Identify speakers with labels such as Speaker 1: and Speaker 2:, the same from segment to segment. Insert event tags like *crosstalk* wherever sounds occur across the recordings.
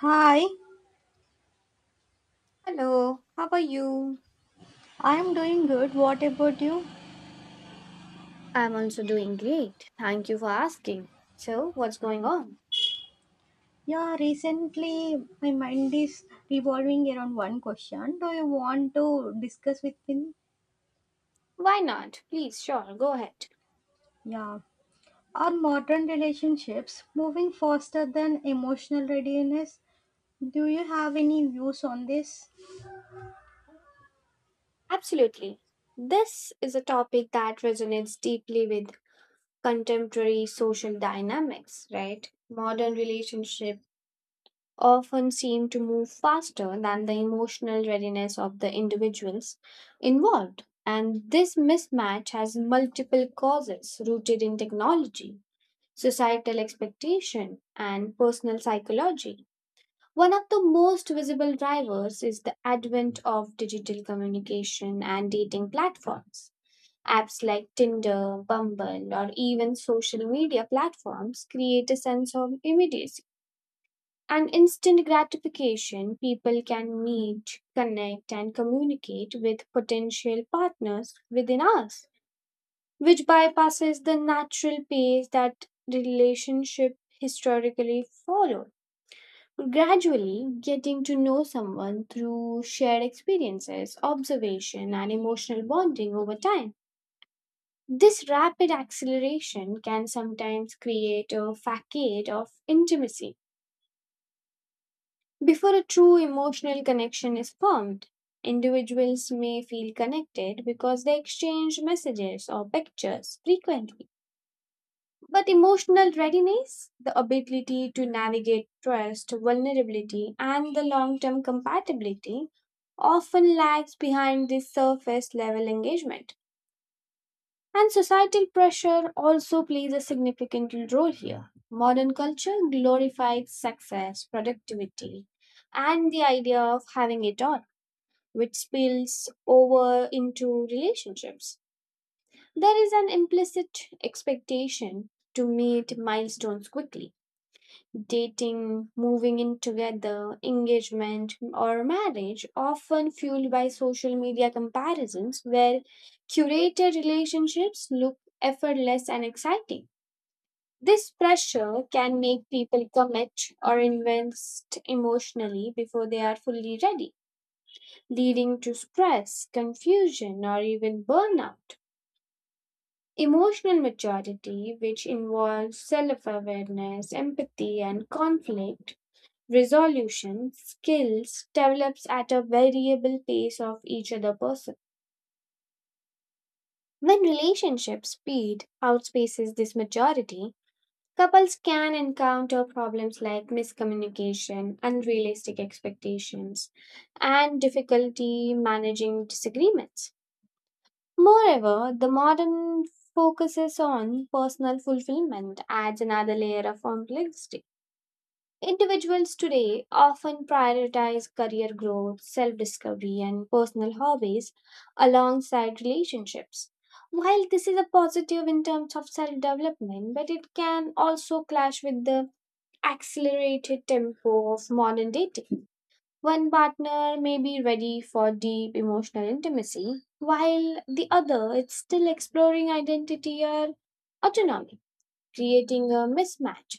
Speaker 1: Hi.
Speaker 2: Hello, how are you?
Speaker 1: I'm doing good. What about you?
Speaker 2: I'm also doing great. Thank you for asking. So, what's going on?
Speaker 1: Yeah, recently my mind is revolving around one question. Do you want to discuss with me?
Speaker 2: Why not? Please, sure, go ahead.
Speaker 1: Yeah. Are modern relationships moving faster than emotional readiness? Do you have any views on this?
Speaker 2: Absolutely. This is a topic that resonates deeply with contemporary social dynamics, right? Modern relationships often seem to move faster than the emotional readiness of the individuals involved. And this mismatch has multiple causes rooted in technology, societal expectation, and personal psychology. One of the most visible drivers is the advent of digital communication and dating platforms. Apps like Tinder, Bumble, or even social media platforms create a sense of immediacy and instant gratification. People can meet, connect, and communicate with potential partners within hours, which bypasses the natural pace that relationship historically followed. Gradually, getting to know someone through shared experiences, observation, and emotional bonding over time. This rapid acceleration can sometimes create a facade of intimacy. Before a true emotional connection is formed, individuals may feel connected because they exchange messages or pictures frequently. But emotional readiness, the ability to navigate trust, vulnerability, and the long term compatibility, often lags behind this surface level engagement. And societal pressure also plays a significant role here. Modern culture glorifies success, productivity, and the idea of having it all, which spills over into relationships. There is an implicit expectation to meet milestones quickly, dating, moving in together, engagement, or marriage, often fueled by social media comparisons where curated relationships look effortless and exciting. This pressure can make people commit or invest emotionally before they are fully ready, leading to stress, confusion, or even burnout. Emotional maturity, which involves self awareness, empathy, and conflict, resolution skills develops at a variable pace of each other person. When relationship speed outspaces this majority, couples can encounter problems like miscommunication, unrealistic expectations, and difficulty managing disagreements. Moreover, the modern focuses on personal fulfillment adds another layer of complexity. Individuals today often prioritize career growth, self discovery, and personal hobbies alongside relationships. While this is a positive in terms of self development, but it can also clash with the accelerated tempo of modern dating. One partner may be ready for deep emotional intimacy, while the other is still exploring identity or autonomy, creating a mismatch,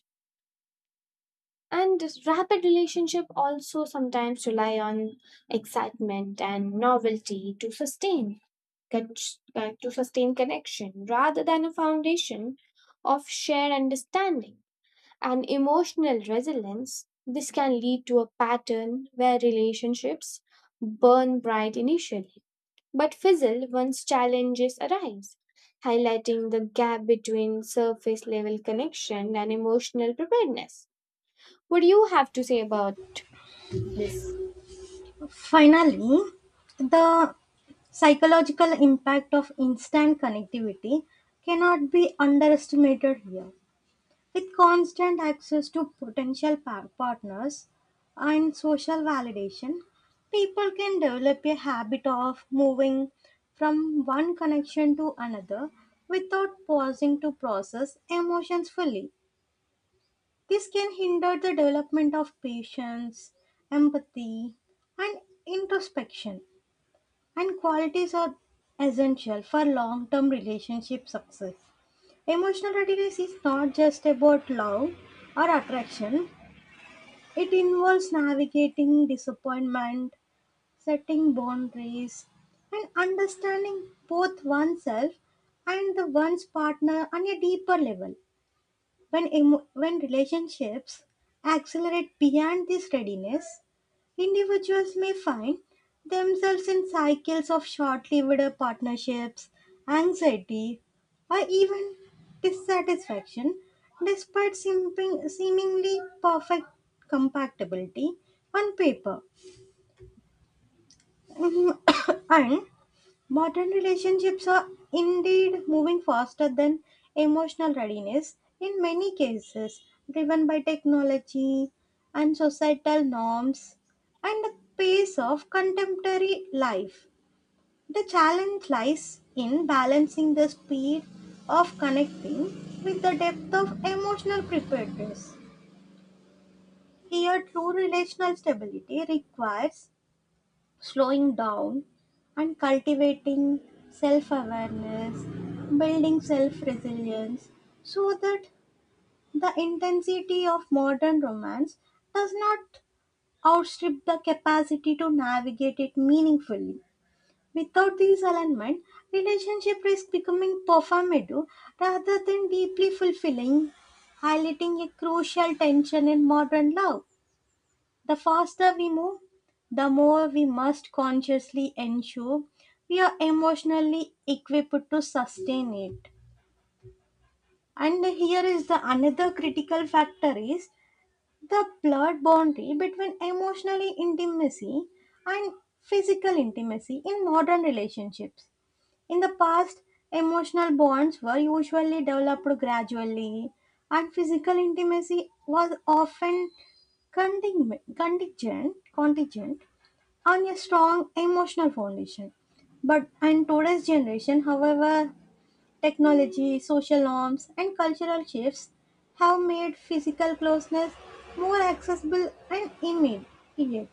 Speaker 2: and this rapid relationship also sometimes rely on excitement and novelty to sustain con- to sustain connection rather than a foundation of shared understanding and emotional resilience. This can lead to a pattern where relationships burn bright initially but fizzle once challenges arise, highlighting the gap between surface level connection and emotional preparedness. What do you have to say about this?
Speaker 1: Finally, the psychological impact of instant connectivity cannot be underestimated here. With constant access to potential partners and social validation, people can develop a habit of moving from one connection to another without pausing to process emotions fully. This can hinder the development of patience, empathy, and introspection, and qualities are essential for long term relationship success. Emotional readiness is not just about love or attraction. It involves navigating disappointment, setting boundaries, and understanding both oneself and the one's partner on a deeper level. When relationships accelerate beyond this readiness, individuals may find themselves in cycles of short lived partnerships, anxiety, or even dissatisfaction despite seemingly perfect compatibility on paper. *coughs* And modern relationships are indeed moving faster than emotional readiness in many cases, driven by technology and societal norms and the pace of contemporary life. The challenge lies in balancing the speed of connecting with the depth of emotional preparedness. Here, true relational stability requires slowing down and cultivating self awareness, building self resilience, so that the intensity of modern romance does not outstrip the capacity to navigate it meaningfully. Without these alignment, relationship risk becoming performative rather than deeply fulfilling, highlighting a crucial tension in modern love. The faster we move, the more we must consciously ensure we are emotionally equipped to sustain it. And here is the another critical factor is the blurred boundary between emotionally intimacy and physical intimacy in modern relationships. In the past, emotional bonds were usually developed gradually and physical intimacy was often contingent on a strong emotional foundation. But in today's generation, however, technology, social norms, and cultural shifts have made physical closeness more accessible and immediate.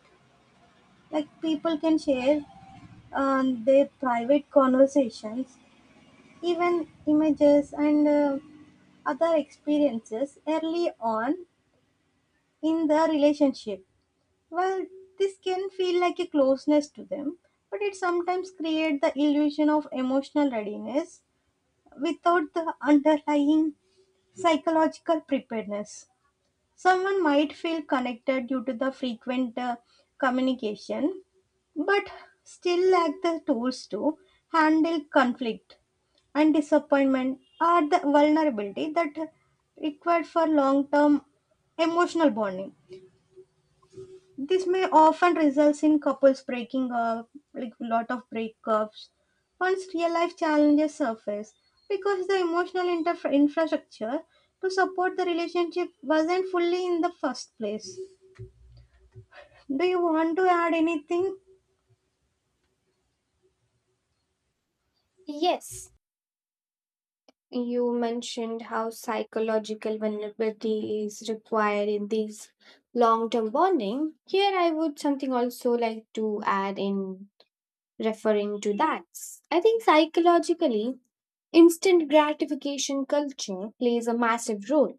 Speaker 1: Like, people can share their private conversations, even images, and other experiences early on in the relationship. Well, this can feel like a closeness to them, but it sometimes creates the illusion of emotional readiness without the underlying psychological preparedness. Someone might feel connected due to the frequent communication, but still lack the tools to handle conflict and disappointment or the vulnerability that required for long term emotional bonding. This may often results in couples breaking up, like a lot of breakups, once real life challenges surface because the emotional infrastructure to support the relationship wasn't fully in the first place. Do you want to add anything?
Speaker 2: Yes, you mentioned how psychological vulnerability is required in these long term bonding. Here, I would something also like to add in referring to that. I think psychologically, instant gratification culture plays a massive role.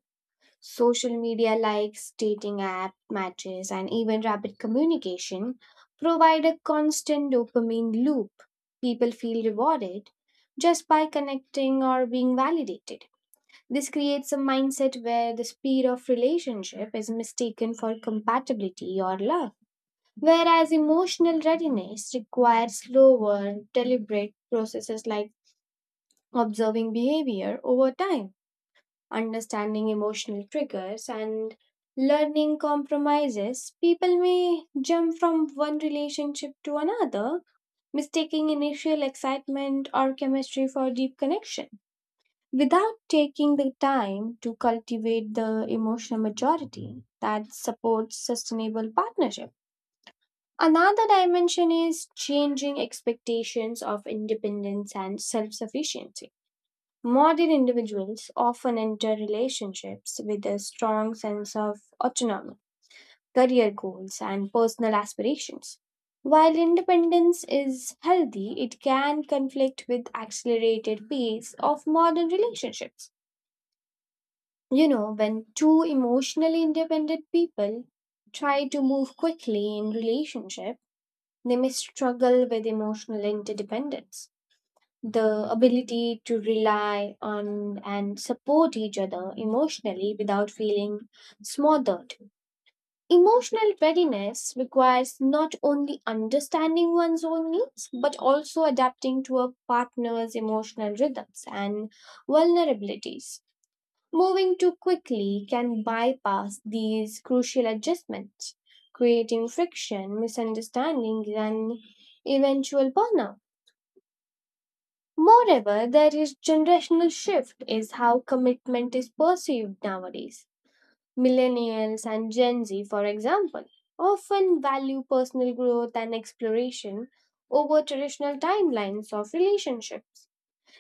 Speaker 2: Social media likes, dating app matches, and even rapid communication provide a constant dopamine loop. People feel rewarded just by connecting or being validated. This creates a mindset where the speed of relationship is mistaken for compatibility or love, whereas emotional readiness requires slower, deliberate processes like observing behavior over time, understanding emotional triggers, and learning compromises, people may jump from one relationship to another, mistaking initial excitement or chemistry for deep connection without taking the time to cultivate the emotional maturity that supports sustainable partnership. Another dimension is changing expectations of independence and self sufficiency. Modern individuals often enter relationships with a strong sense of autonomy, career goals, and personal aspirations. While independence is healthy, it can conflict with accelerated pace of modern relationships. You know, when two emotionally independent people try to move quickly in relationship, they may struggle with emotional interdependence, the ability to rely on and support each other emotionally without feeling smothered. Emotional readiness requires not only understanding one's own needs, but also adapting to a partner's emotional rhythms and vulnerabilities. Moving too quickly can bypass these crucial adjustments, creating friction, misunderstandings, and eventual burnout. Moreover, there is generational shift is how commitment is perceived nowadays. Millennials and Gen Z, for example, often value personal growth and exploration over traditional timelines of relationships.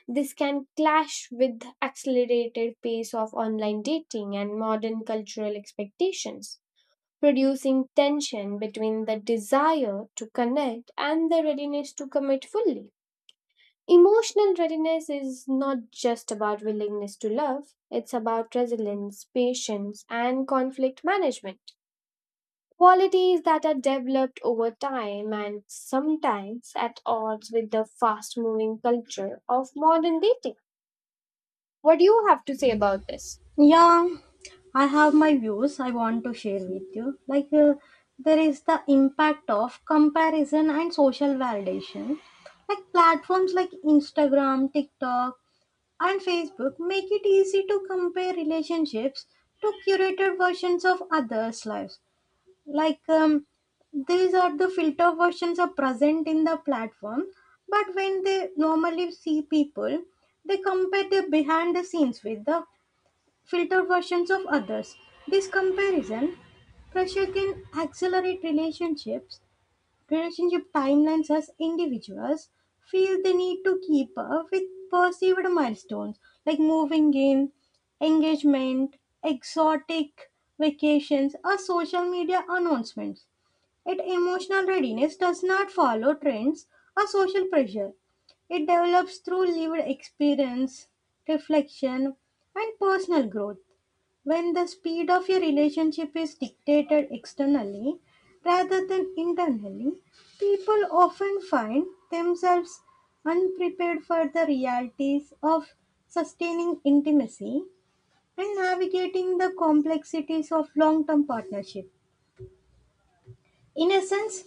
Speaker 2: This can clash with the accelerated pace of online dating and modern cultural expectations, producing tension between the desire to connect and the readiness to commit fully. Emotional readiness is not just about willingness to love, it's about resilience, patience, and conflict management. Qualities that are developed over time and sometimes at odds with the fast moving culture of modern dating. What do you have to say about this?
Speaker 1: Yeah, I have my views I want to share with you. Like, there is the impact of comparison and social validation. Like, platforms like Instagram, TikTok, and Facebook make it easy to compare relationships to curated versions of others' lives. Like, these are the filter versions are present in the platform, but when they normally see people, they compare the behind the scenes with the filter versions of others. This comparison pressure can accelerate relationships. Relationship timelines as individuals feel the need to keep up with perceived milestones like moving in, engagement, exotic vacations, or social media announcements. Yet emotional readiness does not follow trends or social pressure. It develops through lived experience, reflection, and personal growth when the speed of your relationship is dictated externally rather than internally. People often find themselves unprepared for the realities of sustaining intimacy and navigating the complexities of long term partnership. In essence,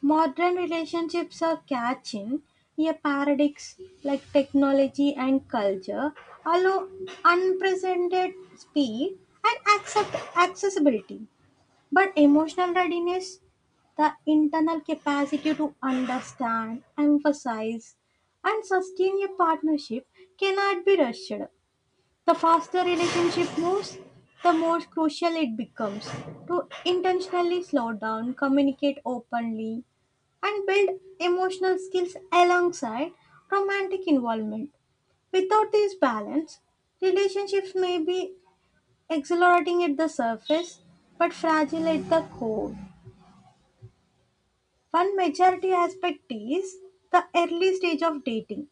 Speaker 1: modern relationships are catching a paradox like technology and culture allow unprecedented speed and accept accessibility. But emotional readiness, the internal capacity to understand, emphasize, and sustain a partnership cannot be rushed. The faster relationship moves, the more crucial it becomes to intentionally slow down, communicate openly, and build emotional skills alongside romantic involvement. Without this balance, relationships may be exhilarating at the surface but fragile at the core. One majority aspect is the early stage of dating.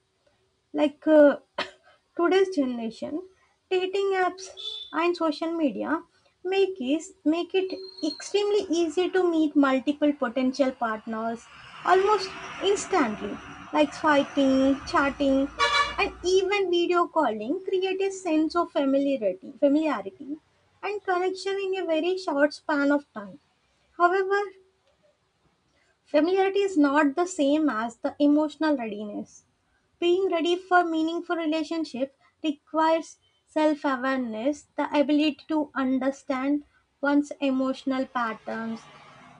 Speaker 1: Like, *coughs* today's generation dating apps and social media make it extremely easy to meet multiple potential partners almost instantly, like swiping, chatting, and even video calling create a sense of familiarity and connection in a very short span of time. However, familiarity is not the same as the emotional readiness. Being ready for meaningful relationship requires self-awareness, the ability to understand one's emotional patterns,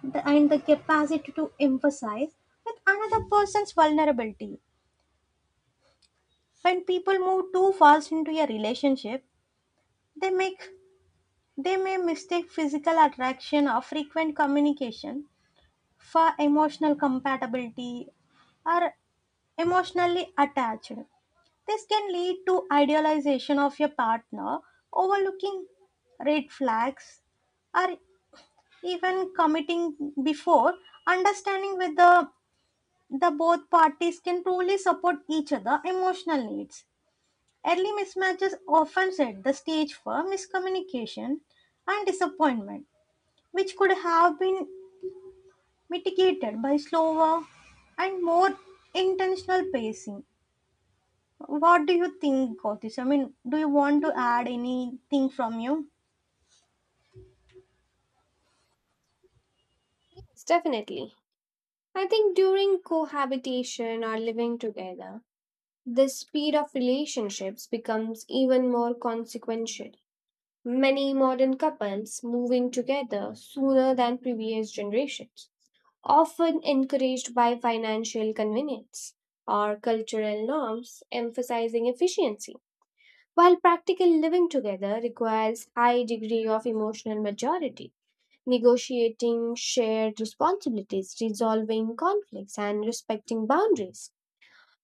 Speaker 1: and the capacity to empathize with another person's vulnerability. When people move too fast into a relationship, they make they may mistake physical attraction or frequent communication for emotional compatibility or emotionally attached. This can lead to idealization of your partner, overlooking red flags, or even committing before understanding whether the both parties can truly support each other emotional needs. Early mismatches often set the stage for miscommunication and disappointment, which could have been mitigated by slower and more intentional pacing. What do you think, Gautish? I mean, do you want to add anything from you?
Speaker 2: Yes, definitely. I think during cohabitation or living together, the speed of relationships becomes even more consequential. Many modern couples moving together sooner than previous generations, often encouraged by financial convenience or cultural norms emphasizing efficiency. While practical living together requires high degree of emotional maturity, negotiating shared responsibilities, resolving conflicts and respecting boundaries.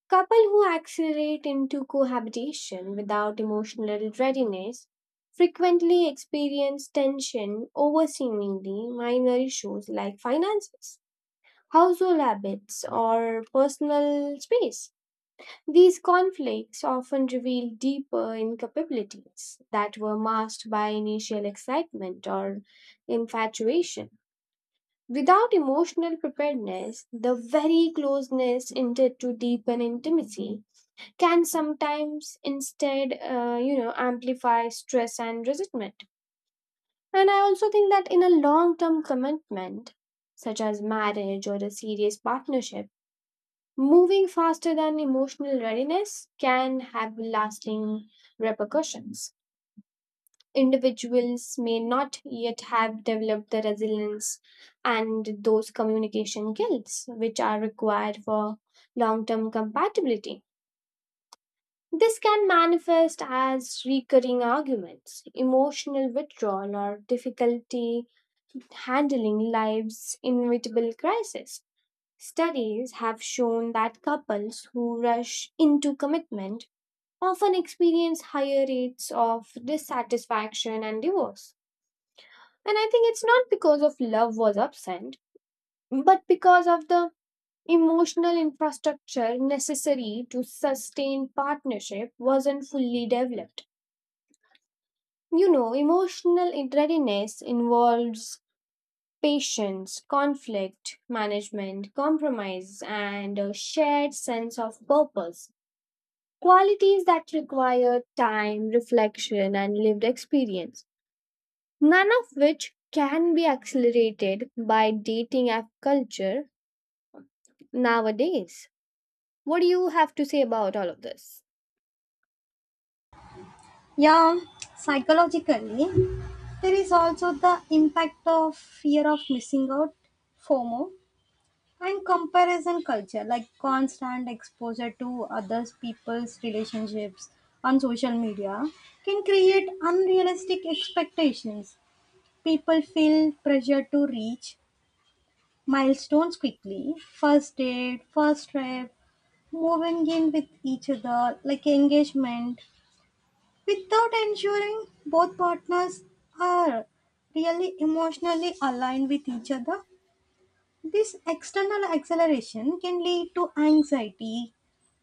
Speaker 2: Couple who accelerate into cohabitation without emotional readiness frequently experience tension over seemingly minor issues like finances, household habits, or personal space. These conflicts often reveal deeper incapabilities that were masked by initial excitement or infatuation. Without emotional preparedness, the very closeness intended to deepen intimacy can sometimes instead you know, amplify stress and resentment, and I also think that in a long term commitment such as marriage or a serious partnership moving faster than emotional readiness can have lasting repercussions. Individuals may not yet have developed the resilience and those communication skills which are required for long term compatibility. This can manifest as recurring arguments, emotional withdrawal, or difficulty handling life's inevitable crisis. Studies have shown that couples who rush into commitment often experience higher rates of dissatisfaction and divorce. And I think it's not because of love was absent, but because of the emotional infrastructure necessary to sustain partnership wasn't fully developed. You know, emotional readiness involves patience, conflict management, compromise, and a shared sense of purpose. Qualities that require time, reflection, and lived experience, none of which can be accelerated by dating app culture nowadays. What do you have to say about all of this?
Speaker 1: Yeah, psychologically, there is also the impact of fear of missing out, FOMO, and comparison culture, like constant exposure to others people's relationships on social media can create unrealistic expectations. People feel pressure to reach milestones quickly: first date, first trip, moving in with each other, like engagement, without ensuring both partners are really emotionally aligned with each other. This external acceleration can lead to anxiety,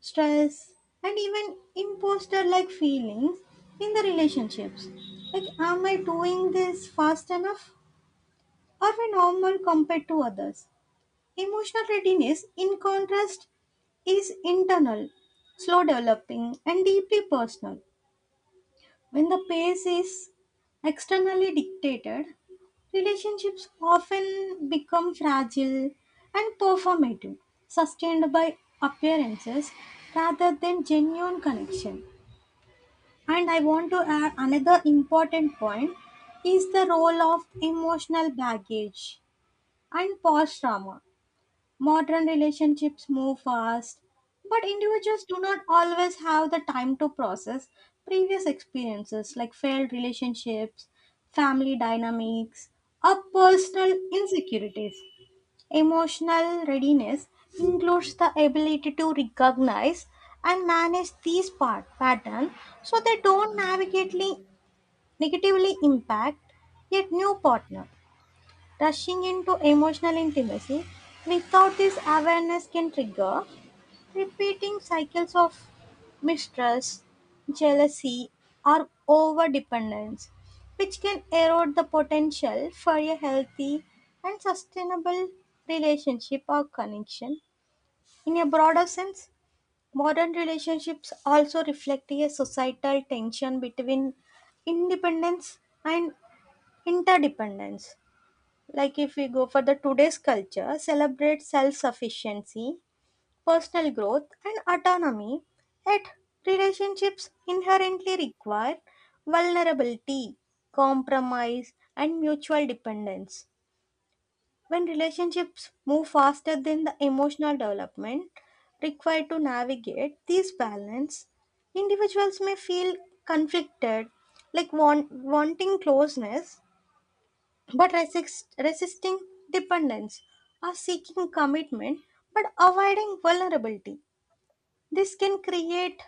Speaker 1: stress, and even imposter like feelings in the relationships. Like, am I doing this fast enough? Are we normal compared to others? Emotional readiness, in contrast, is internal, slow developing, and deeply personal. When the pace is externally dictated, relationships often become fragile and performative, sustained by appearances rather than genuine connection. And I want to add another important point is the role of emotional baggage and past trauma. Modern relationships move fast, but individuals do not always have the time to process previous experiences like failed relationships, family dynamics, or personal insecurities. Emotional readiness includes the ability to recognize and manage these part patterns so they don't navigatively negatively impact a new partner. Rushing into emotional intimacy without this awareness can trigger repeating cycles of mistrust, jealousy, or overdependence, which can erode the potential for a healthy and sustainable relationship or connection. In a broader sense, modern relationships also reflect a societal tension between independence and interdependence. Like, if we go for the today's culture, celebrate self-sufficiency, personal growth and autonomy, yet relationships inherently require vulnerability, compromise and mutual dependence. When relationships move faster than the emotional development required to navigate these balance, individuals may feel conflicted, like wanting closeness but resisting dependence or seeking commitment but avoiding vulnerability. This can create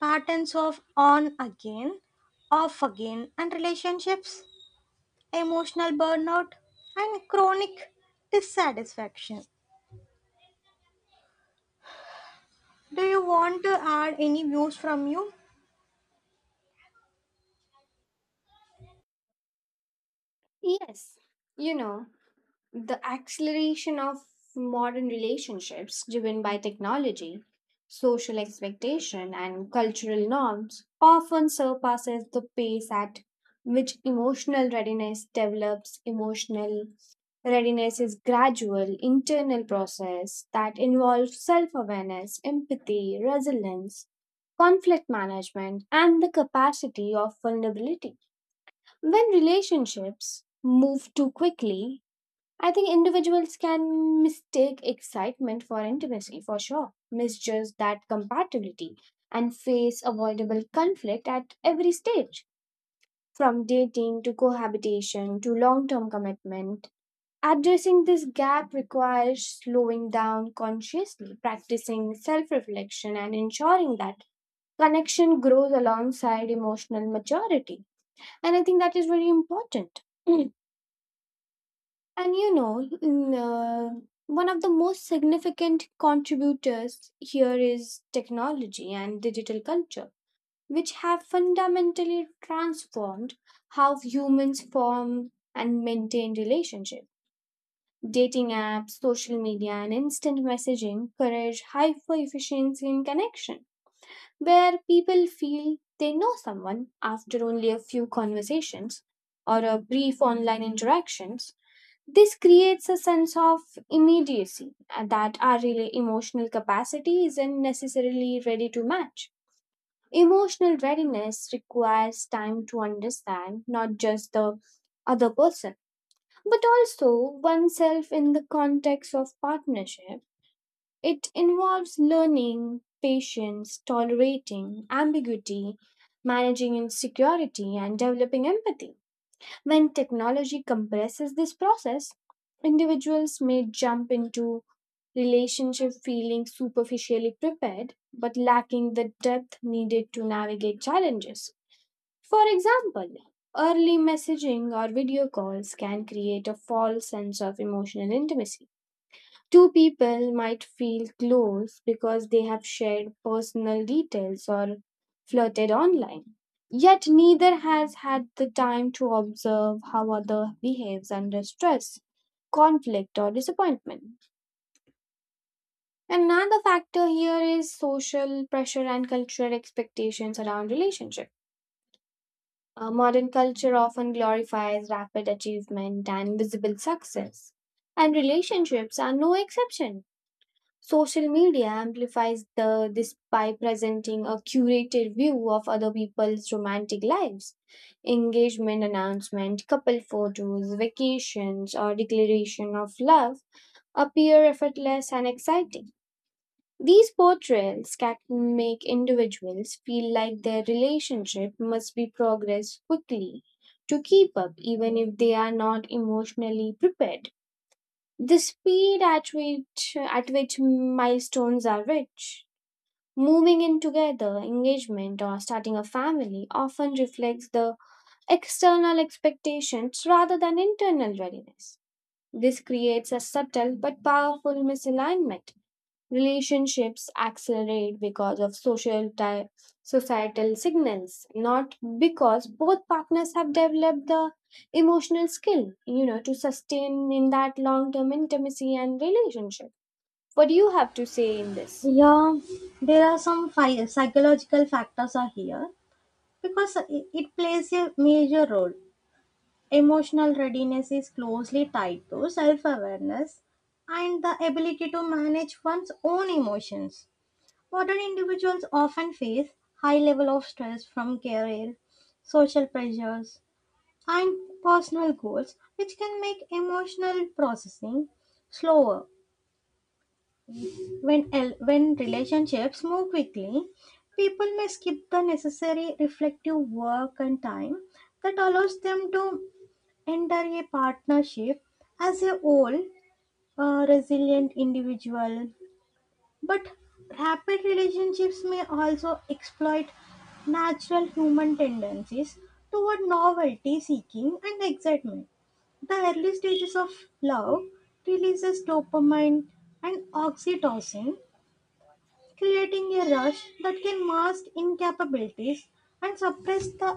Speaker 1: patterns of on again, off again, and relationships, emotional burnout, and chronic dissatisfaction. Do you want to add any views from you?
Speaker 2: Yes, you know, the acceleration of modern relationships driven by technology, social expectation, and cultural norms often surpasses the pace at which emotional readiness develops. Emotional readiness is gradual internal process that involves self-awareness, empathy, resilience, conflict management, and the capacity of vulnerability. When relationships move too quickly, I think individuals can mistake excitement for intimacy for sure, misjudge that compatibility, and face avoidable conflict at every stage, from dating to cohabitation to long term commitment. Addressing this gap requires slowing down consciously, practicing self reflection, and ensuring that connection grows alongside emotional maturity. And I think that is very important. *clears throat* And you know, one of the most significant contributors here is technology and digital culture, which have fundamentally transformed how humans form and maintain relationships. Dating apps, social media, and instant messaging encourage hyper efficiency in connection, where people feel they know someone after only a few conversations or a brief online interactions. This creates a sense of immediacy, that our emotional capacity isn't necessarily ready to match. Emotional readiness requires time to understand not just the other person, but also oneself in the context of partnership. It involves learning, patience, tolerating ambiguity, managing insecurity, and developing empathy. When technology compresses this process, individuals may jump into relationship feeling superficially prepared but lacking the depth needed to navigate challenges. For example, early messaging or video calls can create a false sense of emotional intimacy. Two people might feel close because they have shared personal details or flirted online. Yet neither has had the time to observe how other behaves under stress, conflict or disappointment. Another factor here is social pressure and cultural expectations around relationship. Modern culture often glorifies rapid achievement and visible success, and relationships are no exception. Social media amplifies this by presenting a curated view of other people's romantic lives. Engagement announcement, couple photos, vacations, or declaration of love appear effortless and exciting. These portrayals can make individuals feel like their relationship must be progressed quickly to keep up, even if they are not emotionally prepared. The speed at which milestones are reached, moving in together, engagement, or starting a family often reflects the external expectations rather than internal readiness. This creates a subtle but powerful misalignment. Relationships accelerate because of societal signals, not because both partners have developed the emotional skill, you know, to sustain in that long-term intimacy and relationship. What do you have to say in this?
Speaker 1: Yeah, there are some psychological factors are here because it plays a major role. Emotional readiness is closely tied to self awareness and the ability to manage one's own emotions. Modern individuals often face high level of stress from career, social pressures, and personal goals, which can make emotional processing slower. When relationships move quickly, people may skip the necessary reflective work and time that allows them to enter a partnership as a whole, resilient individual. But rapid relationships may also exploit natural human tendencies toward novelty seeking and excitement. The early stages of love releases dopamine and oxytocin, creating a rush that can mask incapabilities and suppress the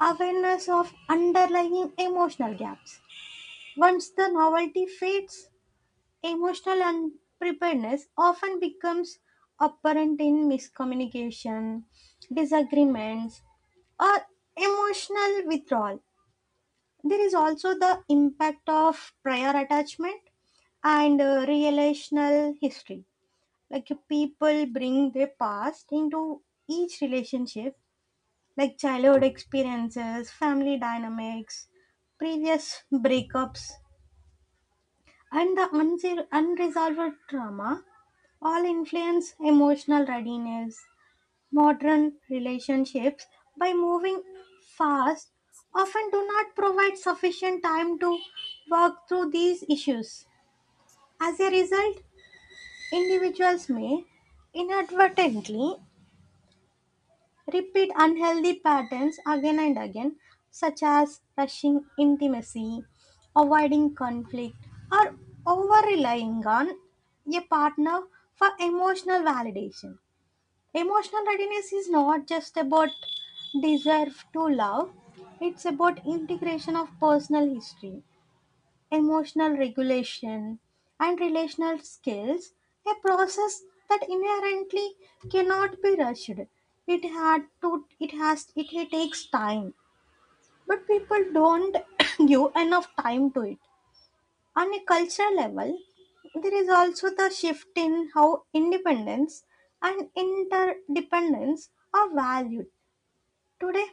Speaker 1: awareness of underlying emotional gaps. Once the novelty fades, emotional unpreparedness often becomes apparent in miscommunication, disagreements, or emotional withdrawal. There is also the impact of prior attachment and relational history. Like, people bring their past into each relationship, like childhood experiences, family dynamics, previous breakups, and the unresolved trauma all influence emotional readiness. Modern relationships, by moving fast, often do not provide sufficient time to work through these issues. As a result, individuals may inadvertently repeat unhealthy patterns again and again, such as rushing intimacy, avoiding conflict, or over relying on a partner for emotional validation. Emotional readiness is not just about deserve to love. It's about integration of personal history emotional regulation, and relational skills, a process that inherently cannot be rushed. It had to it has it, it takes time. But people don't *coughs* give enough time to it. On a cultural level, there is also the shift in how independence and interdependence are valued. Today,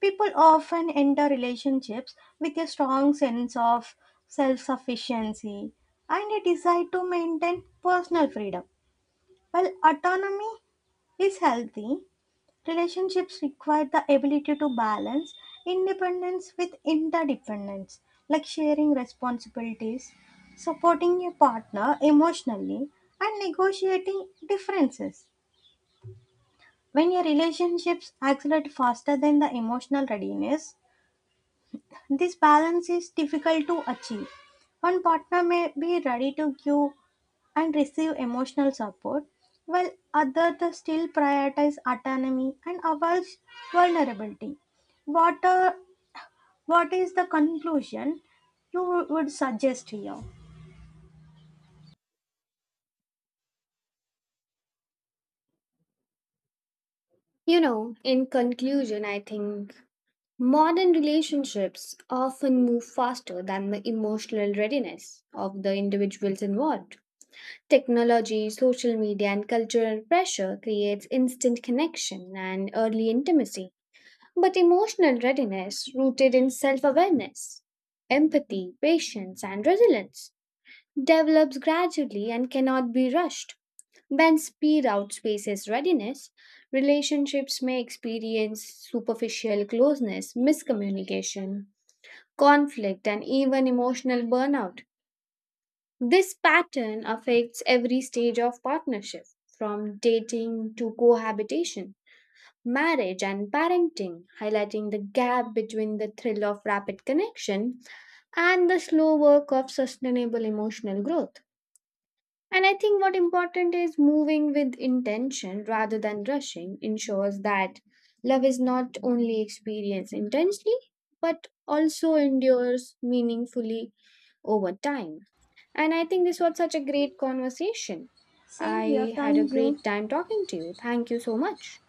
Speaker 1: people often enter relationships with a strong sense of self sufficiency and a desire to maintain personal freedom. While autonomy is healthy, relationships require the ability to balance independence with interdependence, like sharing responsibilities, supporting a partner emotionally, and negotiating differences. When your relationships accelerate faster than the emotional readiness, this balance is difficult to achieve. One partner may be ready to give and receive emotional support, while other the still prioritize autonomy and avoids vulnerability. What, uh, what is the conclusion you would suggest here?
Speaker 2: You know, in conclusion, I think modern relationships often move faster than the emotional readiness of the individuals involved. Technology, social media, and cultural pressure creates instant connection and early intimacy, but emotional readiness rooted in self-awareness, empathy, patience, and resilience develops gradually and cannot be rushed. When speed outspaces readiness, relationships may experience superficial closeness, miscommunication, conflict, and even emotional burnout. This pattern affects every stage of partnership, from dating to cohabitation, marriage, and parenting, highlighting the gap between the thrill of rapid connection and the slow work of sustainable emotional growth. And I think what important is moving with intention rather than rushing ensures that love is not only experienced intensely but also endures meaningfully over time. And I think this was such a great conversation.
Speaker 1: Same here,
Speaker 2: I had a
Speaker 1: thank you.
Speaker 2: great time talking to you. Thank you so much.